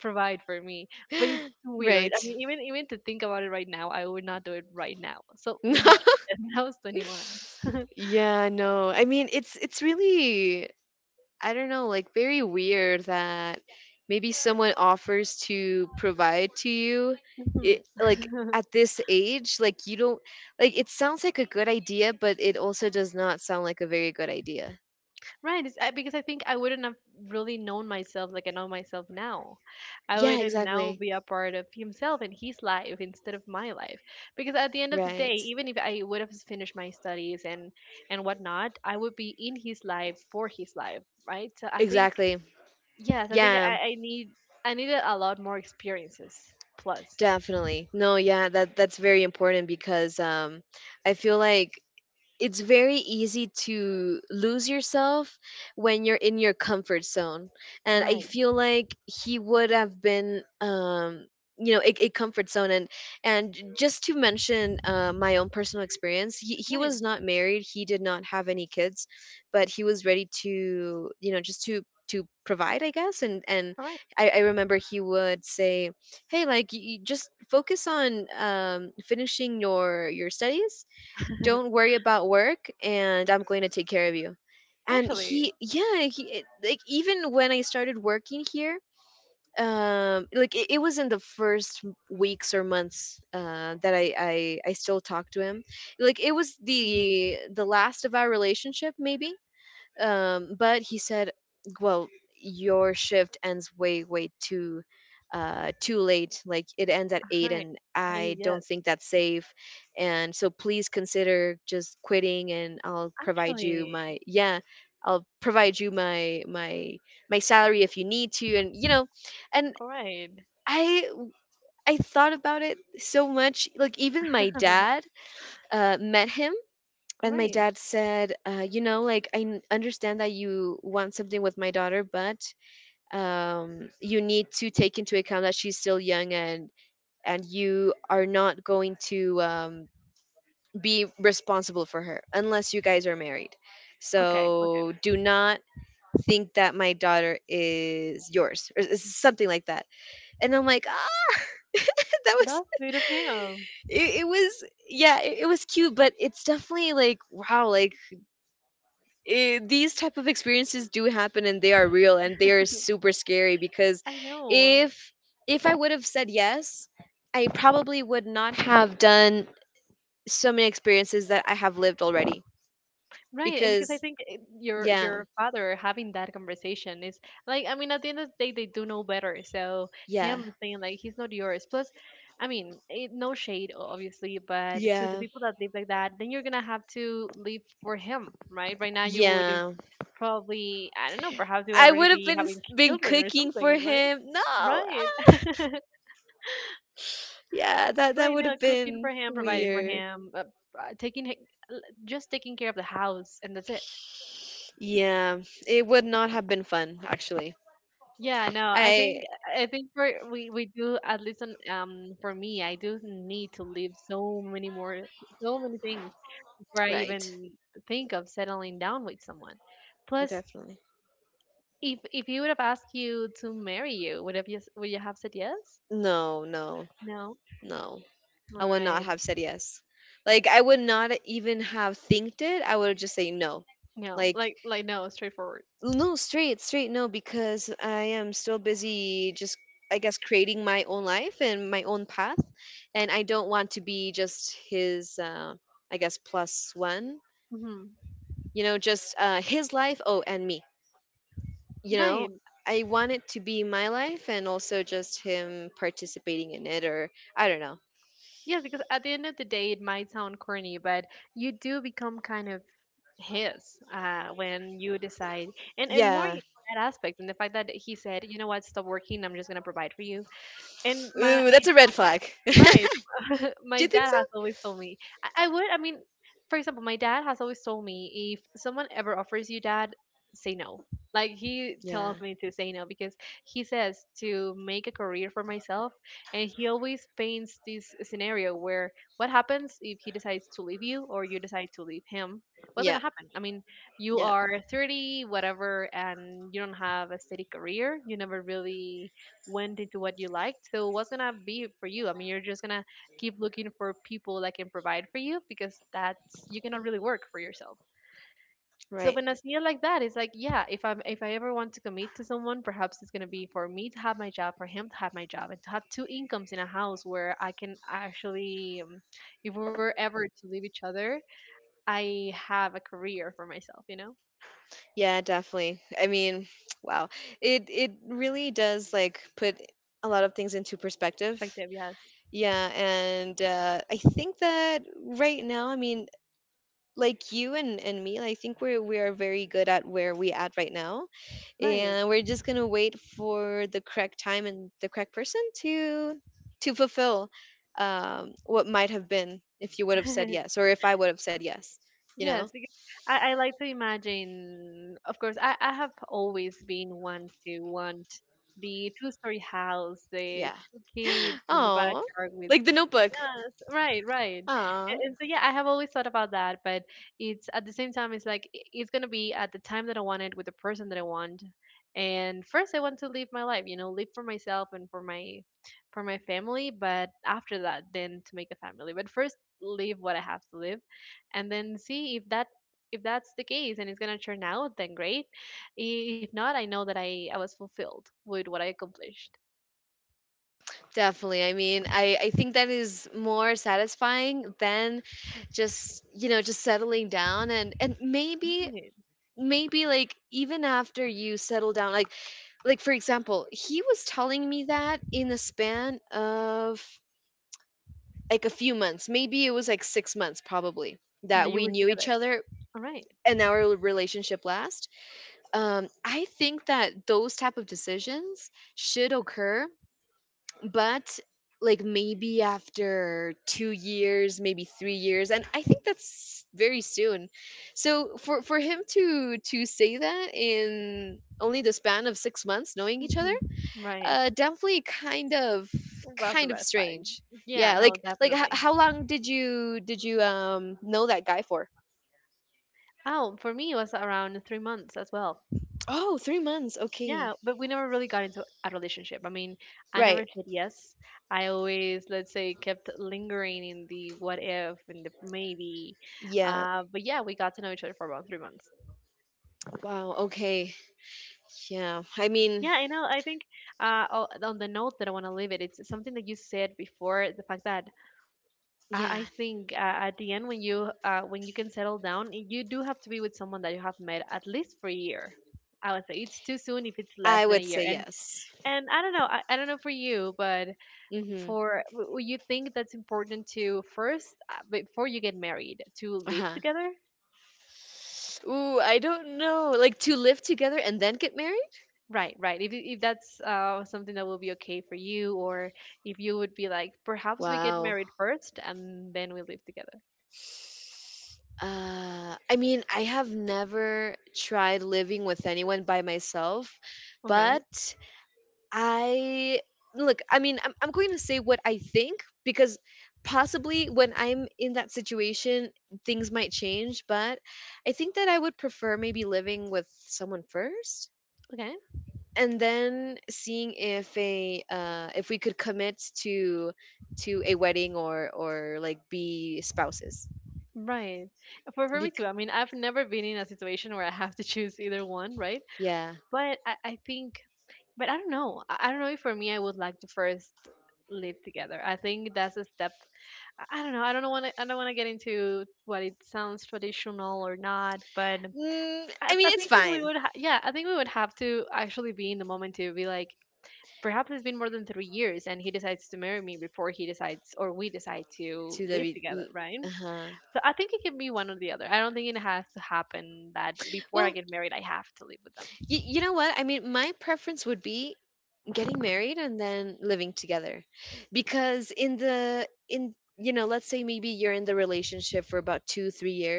Speaker 2: provide for me. But it's
Speaker 1: Right.
Speaker 2: weird. I mean, even to think about it right now, I would not do it right now. So much less when I was 21.
Speaker 1: Yeah, no. I mean, it's really, I don't know, like, very weird that maybe someone offers to provide to you
Speaker 2: Mhm.
Speaker 1: like at this age, like, you don't, like, it sounds like a good idea, but it also does not sound like a very good idea.
Speaker 2: Right, it's, I, because I think I wouldn't have really known myself like I know myself now. I
Speaker 1: Yeah,
Speaker 2: would
Speaker 1: exactly.
Speaker 2: now be a part of himself and his life instead of my life. Because at the end of the
Speaker 1: Right.
Speaker 2: day, even if I would have finished my studies and whatnot, I would be in his life for his life, right? So I think,
Speaker 1: Exactly.
Speaker 2: yes, I
Speaker 1: Yeah,
Speaker 2: think I needed a lot more experiences. Plus,
Speaker 1: definitely. No, yeah, that's very important because, I feel like it's very easy to lose yourself when you're in your comfort zone. And I
Speaker 2: right,
Speaker 1: feel like he would have been, you know, a comfort zone. And and just to mention, my own personal experience, he was
Speaker 2: right,
Speaker 1: not married, he did not have any kids, but he was ready to, you know, just to provide, I guess. and and
Speaker 2: all right.
Speaker 1: i, I remember he would say, hey, like, you just focus on, finishing your studies, don't worry about work, and I'm going to take care of you. And
Speaker 2: Actually,
Speaker 1: he, like, even when I started working here, it was in the first weeks or months, that I still talk to him. Like, it was the
Speaker 2: mhm,
Speaker 1: last of our relationship maybe. But he said, "Well, your shift ends way too, too late. Like, it ends at 8, and
Speaker 2: right. I
Speaker 1: I
Speaker 2: mean,
Speaker 1: don't
Speaker 2: yes,
Speaker 1: think that's safe. And so, please consider just quitting, and I'll provide you
Speaker 2: actually,
Speaker 1: my, yeah." I'll provide you my my salary if you need to, and you know. And
Speaker 2: all right,
Speaker 1: I I thought about it so much. Like, even my dad, met him, and my
Speaker 2: all
Speaker 1: dad
Speaker 2: right,
Speaker 1: said, you know, like, understand that you want something with my daughter, but, you need to take into account that she's still young, and you are not going to, be responsible for her unless you guys are married.
Speaker 2: okay,
Speaker 1: So
Speaker 2: okay.
Speaker 1: do not think that my daughter is yours or something like that. And I'm like, ah. That was,
Speaker 2: That's sweet of him.
Speaker 1: it was, yeah, it was cute, but it's definitely like, wow, like, these type of experiences do happen, and they are real, and they are super scary, because
Speaker 2: I know.
Speaker 1: if if I would have said yes, I probably would not have done so many experiences that I have lived already,
Speaker 2: Right, and
Speaker 1: because
Speaker 2: because I think your
Speaker 1: yeah.
Speaker 2: your father having that conversation is, like, I mean, at the end of the day, they do know better. So
Speaker 1: Yeah.
Speaker 2: him saying, like, he's not yours. Plus, I mean, it, no shade, obviously, but
Speaker 1: Yeah.
Speaker 2: to the people that live like that, then you're gonna have to live for him, right? Right now you would
Speaker 1: Yeah.
Speaker 2: have probably, I don't know, perhaps
Speaker 1: I
Speaker 2: you
Speaker 1: would have
Speaker 2: already be having
Speaker 1: been
Speaker 2: children or
Speaker 1: cooking for
Speaker 2: something, right?
Speaker 1: him. No, ah.
Speaker 2: Right.
Speaker 1: Yeah, that that would
Speaker 2: Right
Speaker 1: have
Speaker 2: now,
Speaker 1: been
Speaker 2: cooking for him, providing for
Speaker 1: weird.
Speaker 2: him, taking just taking care of the house, and that's it.
Speaker 1: Yeah, it would not have been fun, actually.
Speaker 2: Yeah, no, I
Speaker 1: I.
Speaker 2: think I think for we do at least on, for me, I do need to leave so many things before I
Speaker 1: Right.
Speaker 2: even think of settling down with someone. Plus,
Speaker 1: Definitely.
Speaker 2: if he would have asked you to marry you, would have would you have said yes?
Speaker 1: No, no,
Speaker 2: No.
Speaker 1: no. I would
Speaker 2: All
Speaker 1: not have
Speaker 2: right.
Speaker 1: said yes. Like, I would not even have thinked it. I would just say no.
Speaker 2: No.
Speaker 1: Like,
Speaker 2: Like no, straightforward.
Speaker 1: no, straight no, because I am still busy, just, I guess, creating my own life and my own path. And I don't want to be just his, I guess, plus one.
Speaker 2: Mm-hmm.
Speaker 1: You know, just, his life, oh, and me. You know?
Speaker 2: Right.
Speaker 1: I want it to be my life, and also just him participating in it, or, I don't know.
Speaker 2: Yeah, because at the end of the day, it might sound corny, but you do become kind of his when you decide, and
Speaker 1: Yeah.
Speaker 2: more in that aspect, and the fact that he said, you know what, stop working, I'm just gonna provide for you. And
Speaker 1: Ooh,
Speaker 2: my
Speaker 1: that's a red flag. Do
Speaker 2: Right.
Speaker 1: you think
Speaker 2: My
Speaker 1: so?
Speaker 2: dad has always told me. I mean, for example, my dad has always told me if someone ever offers you dad, say no. Like he
Speaker 1: Yeah.
Speaker 2: tells me to say no because he says to make a career for myself and he always paints this scenario where what happens if he decides to leave you or you decide to leave him?
Speaker 1: Yeah.
Speaker 2: What's going to happen? I mean,
Speaker 1: Yeah.
Speaker 2: you are 30 whatever and you don't have a steady career. You never really went into what you liked. So what's gonna be for you? I mean, you're just gonna keep looking for people that can provide for you because that's you cannot really work for yourself.
Speaker 1: Right.
Speaker 2: So when I see it like that, it's like, yeah, if I ever want to commit to someone, perhaps it's gonna be for me to have my job, for him to have my job, and to have two incomes in a house where I can actually, if we were ever to leave each other, I have a career for myself, you know?
Speaker 1: Yeah, definitely. I mean, wow. It really does, like, put a lot of things into perspective.
Speaker 2: Effective, yes.
Speaker 1: Yeah, and, I think that right now, I mean, like, you and me, I think we are very good at where we at right now. And we're
Speaker 2: Right.
Speaker 1: just gonna wait for the correct time and the correct person to fulfill, what might have been if you would have said yes or if I would have said yes, you know.
Speaker 2: Yes, because I like to imagine, of course, I have always been one to want the two-story house,
Speaker 1: Yeah.
Speaker 2: the two kids in the
Speaker 1: Oh,
Speaker 2: backyard
Speaker 1: like The
Speaker 2: with
Speaker 1: Notebook.
Speaker 2: Yes, right, right.
Speaker 1: Ah,
Speaker 2: And so yeah, I have always thought about that, but it's gonna be at the time that I want it with the person that I want. And first I want to live my life, you know, live for myself and for my family, but after that then to make a family. But first live what I have to live and then see if that if that's the case and it's gonna turn out, then great. I- If not, I know that I was fulfilled with what I accomplished.
Speaker 1: definitely. I mean, I think that is more satisfying than just, you know, just settling down, and maybe,
Speaker 2: Right.
Speaker 1: maybe like, even after you settle down, like, for example, he was telling me that in a span of like a few months, maybe it was like 6 months probably, that we
Speaker 2: That you
Speaker 1: knew
Speaker 2: were
Speaker 1: each
Speaker 2: together.
Speaker 1: other
Speaker 2: All right.
Speaker 1: and our relationship last, I think that those type of decisions should occur, but like, maybe after 2 years, maybe 3 years, and I think that's very soon. So for him to say that in only the span of 6 months knowing each other,
Speaker 2: Mhm. Right.
Speaker 1: definitely kind of
Speaker 2: Lots of red
Speaker 1: strange.
Speaker 2: flags.
Speaker 1: Yeah,
Speaker 2: Yeah, no,
Speaker 1: how
Speaker 2: definitely.
Speaker 1: long did you know that guy for?
Speaker 2: Oh, for me, it was around 3 months as well.
Speaker 1: Oh, 3 months. Okay.
Speaker 2: Yeah, but we never really got into a relationship. I mean,
Speaker 1: Right.
Speaker 2: I never said yes. I always, let's say, kept lingering in the what if and the maybe.
Speaker 1: Yeah.
Speaker 2: But yeah, we got to know each other for about 3 months.
Speaker 1: Wow. Okay. Yeah, I mean.
Speaker 2: Yeah, I know. I think on the note that I want to leave it, it's something that you said before, the fact that
Speaker 1: Yeah,
Speaker 2: I think at the end when you can settle down, you do have to be with someone that you have met at least for a year. I would say it's too soon if it's
Speaker 1: I would
Speaker 2: less than
Speaker 1: say
Speaker 2: a year.
Speaker 1: yes.
Speaker 2: And I don't know, I don't know for you, but
Speaker 1: Mm-hmm.
Speaker 2: for you think that's important to first before you get married to
Speaker 1: Uh-huh.
Speaker 2: live together?
Speaker 1: Ooh, I don't know. Like, to live together and then get married?
Speaker 2: Right, right. If that's something that will be okay for you, or if you would be like, perhaps we
Speaker 1: Wow.
Speaker 2: get married first and then we live together.
Speaker 1: I mean, I have never tried living with anyone by myself,
Speaker 2: All right.
Speaker 1: but I, look, I mean, I'm going to say what I think because possibly when I'm in that situation, things might change, but I think that I would prefer maybe living with someone first,
Speaker 2: Okay.
Speaker 1: and then seeing if a if we could commit to a wedding or like be spouses.
Speaker 2: Right. For
Speaker 1: Bec-
Speaker 2: me too. I mean, I've never been in a situation where I have to choose either one, right?
Speaker 1: yeah,
Speaker 2: But I think, but I don't know. I don't know if for me I would like to first live together. I think that's a step. I don't know. I don't want to. I don't want to get into what it sounds traditional or not. But
Speaker 1: mm, I mean it's
Speaker 2: I think
Speaker 1: fine
Speaker 2: that we would. Yeah, I think we would have to actually be in the moment to be like, perhaps it's been more than 3 years, and he decides to marry me before he decides or we decide
Speaker 1: to
Speaker 2: to
Speaker 1: the.
Speaker 2: live together,
Speaker 1: Uh
Speaker 2: right?
Speaker 1: huh.
Speaker 2: So I think it can be one or the other. I don't think it has to happen that
Speaker 1: Well,
Speaker 2: before I get married, I have to live with
Speaker 1: you
Speaker 2: them.
Speaker 1: know what? I mean, my preference would be getting married and then living together, because in let's say maybe you're in the relationship for about 2 3 years,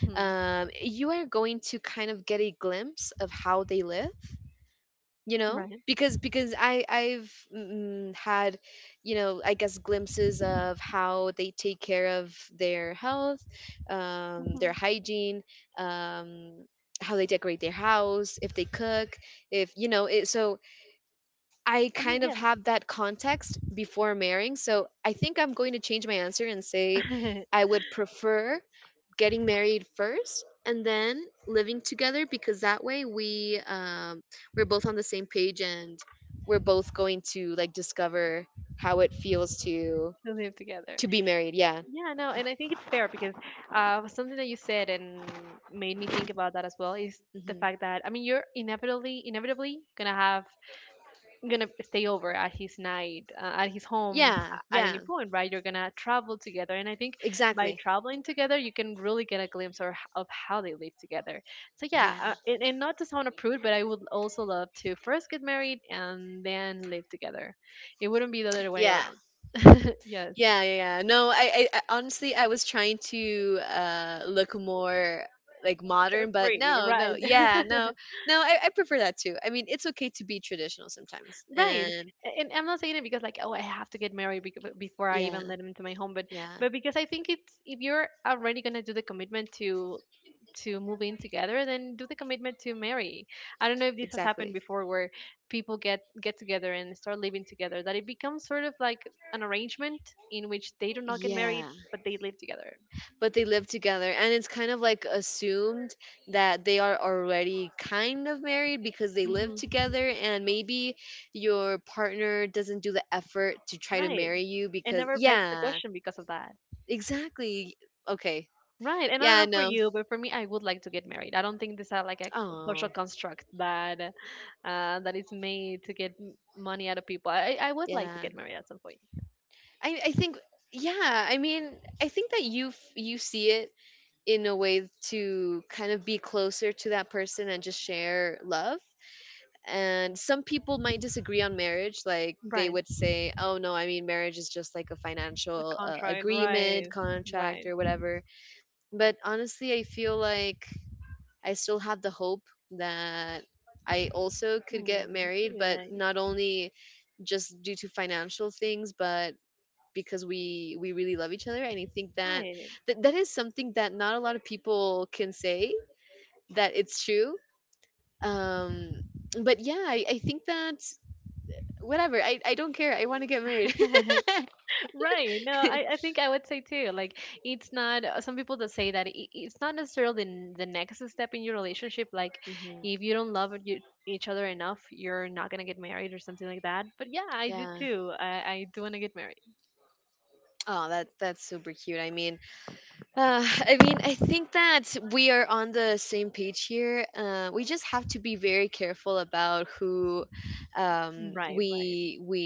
Speaker 2: Hmm.
Speaker 1: you are going to kind of get a glimpse of how they live, you know
Speaker 2: Right.
Speaker 1: because because i i've mm, mm, had, you know, I guess, glimpses of how they take care of their health, their
Speaker 2: Hmm.
Speaker 1: hygiene, um how they decorate their house, if they cook, if, you know, it. So I kind
Speaker 2: I
Speaker 1: of
Speaker 2: mean, yeah,
Speaker 1: have that context before marrying. So I think I'm going to change my answer and say I would prefer getting married first and then living together, because that way we we're both on the same page, and we're both going to like discover how it feels to
Speaker 2: to live
Speaker 1: be
Speaker 2: together.
Speaker 1: married. Yeah.
Speaker 2: Yeah, no, and I think it's fair because something that you said and made me think about that as well is
Speaker 1: Hmm.
Speaker 2: the fact that I mean, you're inevitably, inevitably gonna have gonna stay over at his night at his
Speaker 1: Yeah.
Speaker 2: home
Speaker 1: Yeah.
Speaker 2: at any point, right? You're gonna travel together, and I think
Speaker 1: Exactly.
Speaker 2: by traveling together you can really get a glimpse of how they live together. So
Speaker 1: Yeah.
Speaker 2: yeah, and not to sound a prude, but I would also love to first get married and then live together. It wouldn't
Speaker 1: Yeah.
Speaker 2: be the other way around.
Speaker 1: Yeah, yeah,
Speaker 2: Yes,
Speaker 1: yeah. No, I honestly, I was trying to look more like modern,
Speaker 2: like
Speaker 1: but no,
Speaker 2: carefree,
Speaker 1: no,
Speaker 2: right.
Speaker 1: yeah, no, no. I prefer that too. I mean, it's okay to be traditional sometimes, and
Speaker 2: Right. And I'm not saying it because like, oh, I have to get married
Speaker 1: yeah,
Speaker 2: before I even let him into my home,
Speaker 1: yeah,
Speaker 2: but because I think it's if you're already gonna do the commitment to move in together, then do the commitment to marry. I don't know if this has
Speaker 1: exactly.
Speaker 2: happened before where people get together and start living together, that it becomes sort of like an arrangement in which they do not get
Speaker 1: Yeah,
Speaker 2: married, but they live together.
Speaker 1: but they live together, and it's kind of like assumed that they are already kind of married because they live
Speaker 2: Hmm.
Speaker 1: together, and maybe your partner doesn't do the effort to try to marry
Speaker 2: Right.
Speaker 1: you because,
Speaker 2: And never begs
Speaker 1: yeah,
Speaker 2: the question because of that.
Speaker 1: exactly. Okay. Yeah,
Speaker 2: Right,
Speaker 1: I
Speaker 2: and I don't
Speaker 1: know.
Speaker 2: know for you, but for me, I would like to get married. I don't think this is like a
Speaker 1: Oh,
Speaker 2: social construct that that is made to get money out of people. I would
Speaker 1: yeah.
Speaker 2: like to get married at some point.
Speaker 1: I think yeah, I mean, I think that you see it in a way to kind of be closer to that person and just share love. And some people might disagree on marriage. Like they would
Speaker 2: Right,
Speaker 1: say, "Oh no, I mean marriage is just like a financial
Speaker 2: a contract.
Speaker 1: agreement,
Speaker 2: Right,
Speaker 1: contract, or
Speaker 2: right.
Speaker 1: whatever." But honestly, I feel like I still have the hope that I also could get married,
Speaker 2: Hmm,
Speaker 1: but not
Speaker 2: really
Speaker 1: only just due to financial things, but because we really love each other, and I think that that,
Speaker 2: nice.
Speaker 1: that is something that not a lot of people can say that it's true. Um but yeah, I think that whatever, I don't care. I want to get married.
Speaker 2: Right. Right. No, I think I would say too. Like, it's not some people that say that it's not necessarily the, the next step in your relationship. Like,
Speaker 1: Hmm.
Speaker 2: if you don't love you, each other enough, you're not gonna get married or something like that. But yeah, I
Speaker 1: Yeah.
Speaker 2: did too. I do wanna get married.
Speaker 1: Oh, that that's super cute. I mean, I mean, I think that we are on the same page here. We just have to be very careful about who um,
Speaker 2: Right.
Speaker 1: we
Speaker 2: Right.
Speaker 1: we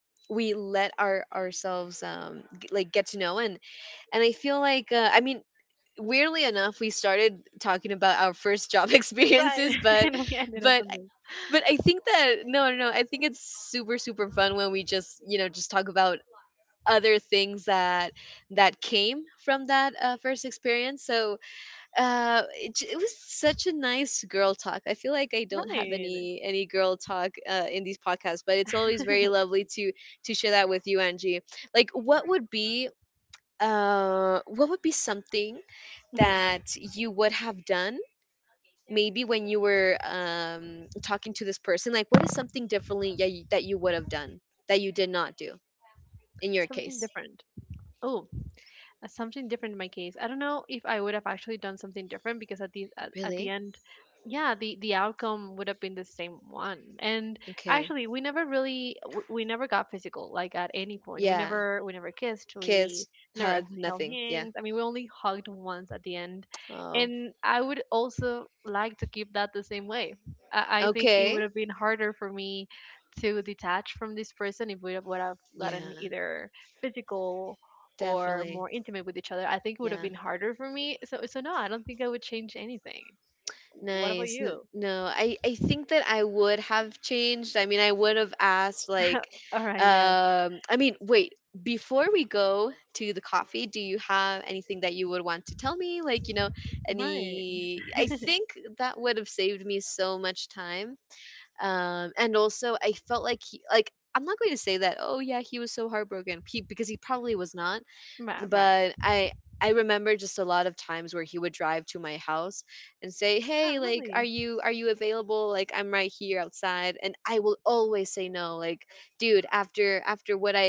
Speaker 1: we let ourselves like get to know, and I feel like I mean, weirdly enough, we started talking about our first job experiences,
Speaker 2: Right.
Speaker 1: but
Speaker 2: and we
Speaker 1: but
Speaker 2: ended up on this.
Speaker 1: but I think that no, I think it's super super fun when we just, you know, just talk about other things that that came from that first experience. So it was such a nice girl talk. I feel like I don't have
Speaker 2: Right.
Speaker 1: any girl talk in these podcasts, but it's always very lovely to share that with you, Angie. Like, what would be something that
Speaker 2: Mhm.
Speaker 1: you would have done maybe when you were talking to this person? Like, what is something differently, yeah, that you would have done that you did not do in your case?
Speaker 2: Something different. Oh, something different in my case. I don't know if I would have actually done something different because at the
Speaker 1: Really?
Speaker 2: at the end, yeah, the outcome would have been the same one. And
Speaker 1: Okay.
Speaker 2: actually, we never really we never got physical like at any
Speaker 1: Yeah.
Speaker 2: point. We never kissed.
Speaker 1: Kiss,
Speaker 2: We
Speaker 1: hug,
Speaker 2: never
Speaker 1: nothing,
Speaker 2: held
Speaker 1: yeah.
Speaker 2: hands. I mean, we only hugged once at the end.
Speaker 1: Oh.
Speaker 2: And I would also like to keep that the same way. I
Speaker 1: Okay.
Speaker 2: think it would have been harder for me to detach from this person if we would have
Speaker 1: Yeah,
Speaker 2: gotten either physical
Speaker 1: definitely.
Speaker 2: or more intimate with each other, I
Speaker 1: Yeah.
Speaker 2: think it would have been harder for me. So so no, I don't think I would change anything.
Speaker 1: Nice.
Speaker 2: What about you?
Speaker 1: No, I think that I would have changed. I mean, I would have asked like
Speaker 2: All right, yes.
Speaker 1: I mean, wait, before we go to the coffee, do you have anything that you would want to tell me? Like, you know,
Speaker 2: Right.
Speaker 1: any, I think that would have saved me so much time. And also I felt like he, like, I'm not going to say that, oh yeah, he was so heartbroken. He, because he probably was not.
Speaker 2: Right,
Speaker 1: But
Speaker 2: right.
Speaker 1: I remember just a lot of times where he would drive to my house and say, "Hey,
Speaker 2: Ah,
Speaker 1: like,
Speaker 2: really?
Speaker 1: are you available? Like, I'm right here outside." And I will always say no. Like, "Dude, after after what I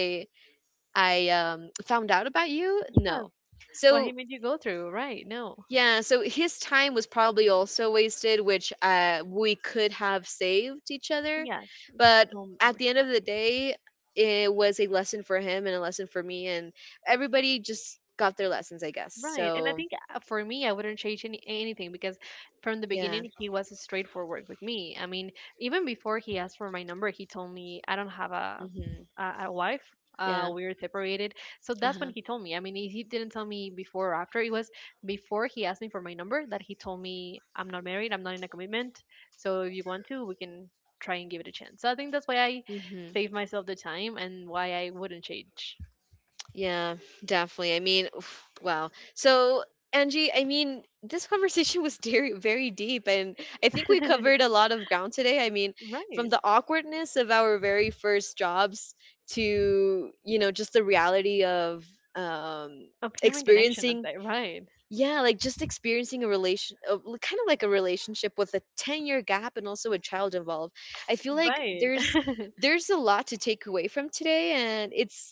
Speaker 1: found out about you, no."
Speaker 2: Yes.
Speaker 1: So
Speaker 2: What he made you go through, right? No.
Speaker 1: yeah, so his time was probably also wasted, which we could have saved each other.
Speaker 2: Yes.
Speaker 1: But
Speaker 2: It's
Speaker 1: at
Speaker 2: so
Speaker 1: the end of the
Speaker 2: much
Speaker 1: day, it was a lesson for him and a lesson for me, and everybody just got their lessons, I guess. So
Speaker 2: Right. And I think for me, I wouldn't change anything because from the
Speaker 1: yeah,
Speaker 2: beginning, he was straightforward with me. I mean, even before he asked for my number, he told me I don't have
Speaker 1: hmm,
Speaker 2: a wife.
Speaker 1: yeah,
Speaker 2: We're separated.
Speaker 1: uh
Speaker 2: So
Speaker 1: huh,
Speaker 2: that's when he told me. I mean, he didn't tell me before or after. It was before he asked me for my number that he told me I'm not married, I'm not in a commitment. So if you want to, we can try and give it a chance. So I think that's why I
Speaker 1: hmm.
Speaker 2: save myself the time and why I wouldn't change.
Speaker 1: Yeah, definitely. I mean, oof, wow. So, Angie, I mean, this conversation was very, very deep, and I think we covered a lot of ground today. I mean, from the
Speaker 2: Right.
Speaker 1: awkwardness of our very first jobs to, you know, just the reality of um,
Speaker 2: Of human
Speaker 1: experiencing,
Speaker 2: connection, I'd say. Right.
Speaker 1: yeah, like, just experiencing a relation, kind of like a relationship with a 10-year gap and also a child involved. I feel like
Speaker 2: Right.
Speaker 1: there's a lot to take away from today, and it's that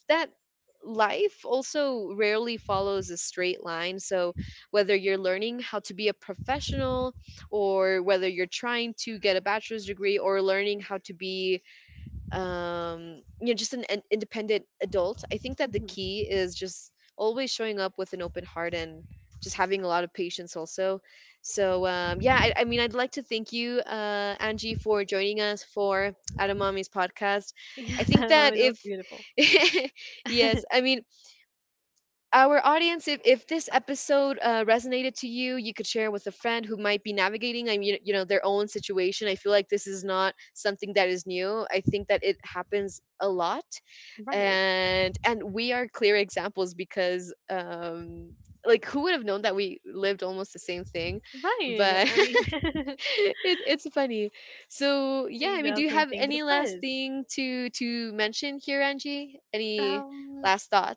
Speaker 1: life also rarely follows a straight line. So whether you're learning how to be a professional, or whether you're trying to get a bachelor's degree, or learning how to be you know, just an independent adult, I think that the key
Speaker 2: Mhm.
Speaker 1: is just always showing up with an open heart and just having a lot of patience also. So yeah, I mean, I'd like to thank you, Angie, for joining us for Adam Mommy's podcast. I think
Speaker 2: Yes,
Speaker 1: that if
Speaker 2: Mami, that was beautiful.
Speaker 1: yes, I mean, our audience, if this episode resonated to you, you could share with a friend who might be navigating, I mean, you know, their own situation. I feel like this is not something that is new. I think that it happens a lot.
Speaker 2: Right.
Speaker 1: And we are clear examples because like, who would have known that we lived almost the same thing, but
Speaker 2: Right. I mean,
Speaker 1: it, it's funny. So yeah, I mean, do you
Speaker 2: same
Speaker 1: have
Speaker 2: job, same
Speaker 1: any
Speaker 2: thing, but of
Speaker 1: last
Speaker 2: course.
Speaker 1: thing to mention here, Angie? Any last
Speaker 2: Um,
Speaker 1: thoughts?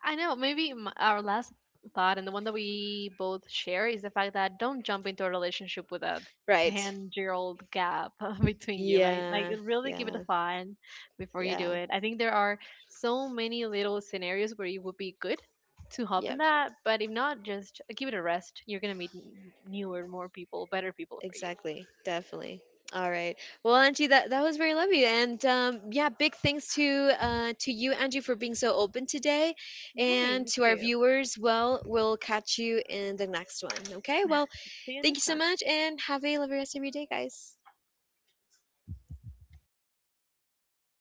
Speaker 2: I know. Maybe our last thought and the one that we both share is the fact that don't jump into a relationship with a
Speaker 1: Right.
Speaker 2: 10-year-old gap between you,
Speaker 1: Yeah,
Speaker 2: right? Like,
Speaker 1: yeah,
Speaker 2: really give it a thought
Speaker 1: yeah,
Speaker 2: before you do it. I think there are so many little scenarios where it would be good to
Speaker 1: yep,
Speaker 2: hop in that, but if not, just give it a rest. You're going to meet newer, more people, better people for you.
Speaker 1: exactly, definitely. All right. Well, Angie, that that was very lovely, and yeah, big thanks to you, Angie, for being so open today, and
Speaker 2: Right,
Speaker 1: to our
Speaker 2: you too.
Speaker 1: viewers. Well, we'll catch you in the next one. Okay. Well, thank you
Speaker 2: See
Speaker 1: so
Speaker 2: you next
Speaker 1: much,
Speaker 2: time.
Speaker 1: and have a lovely rest of your day, guys.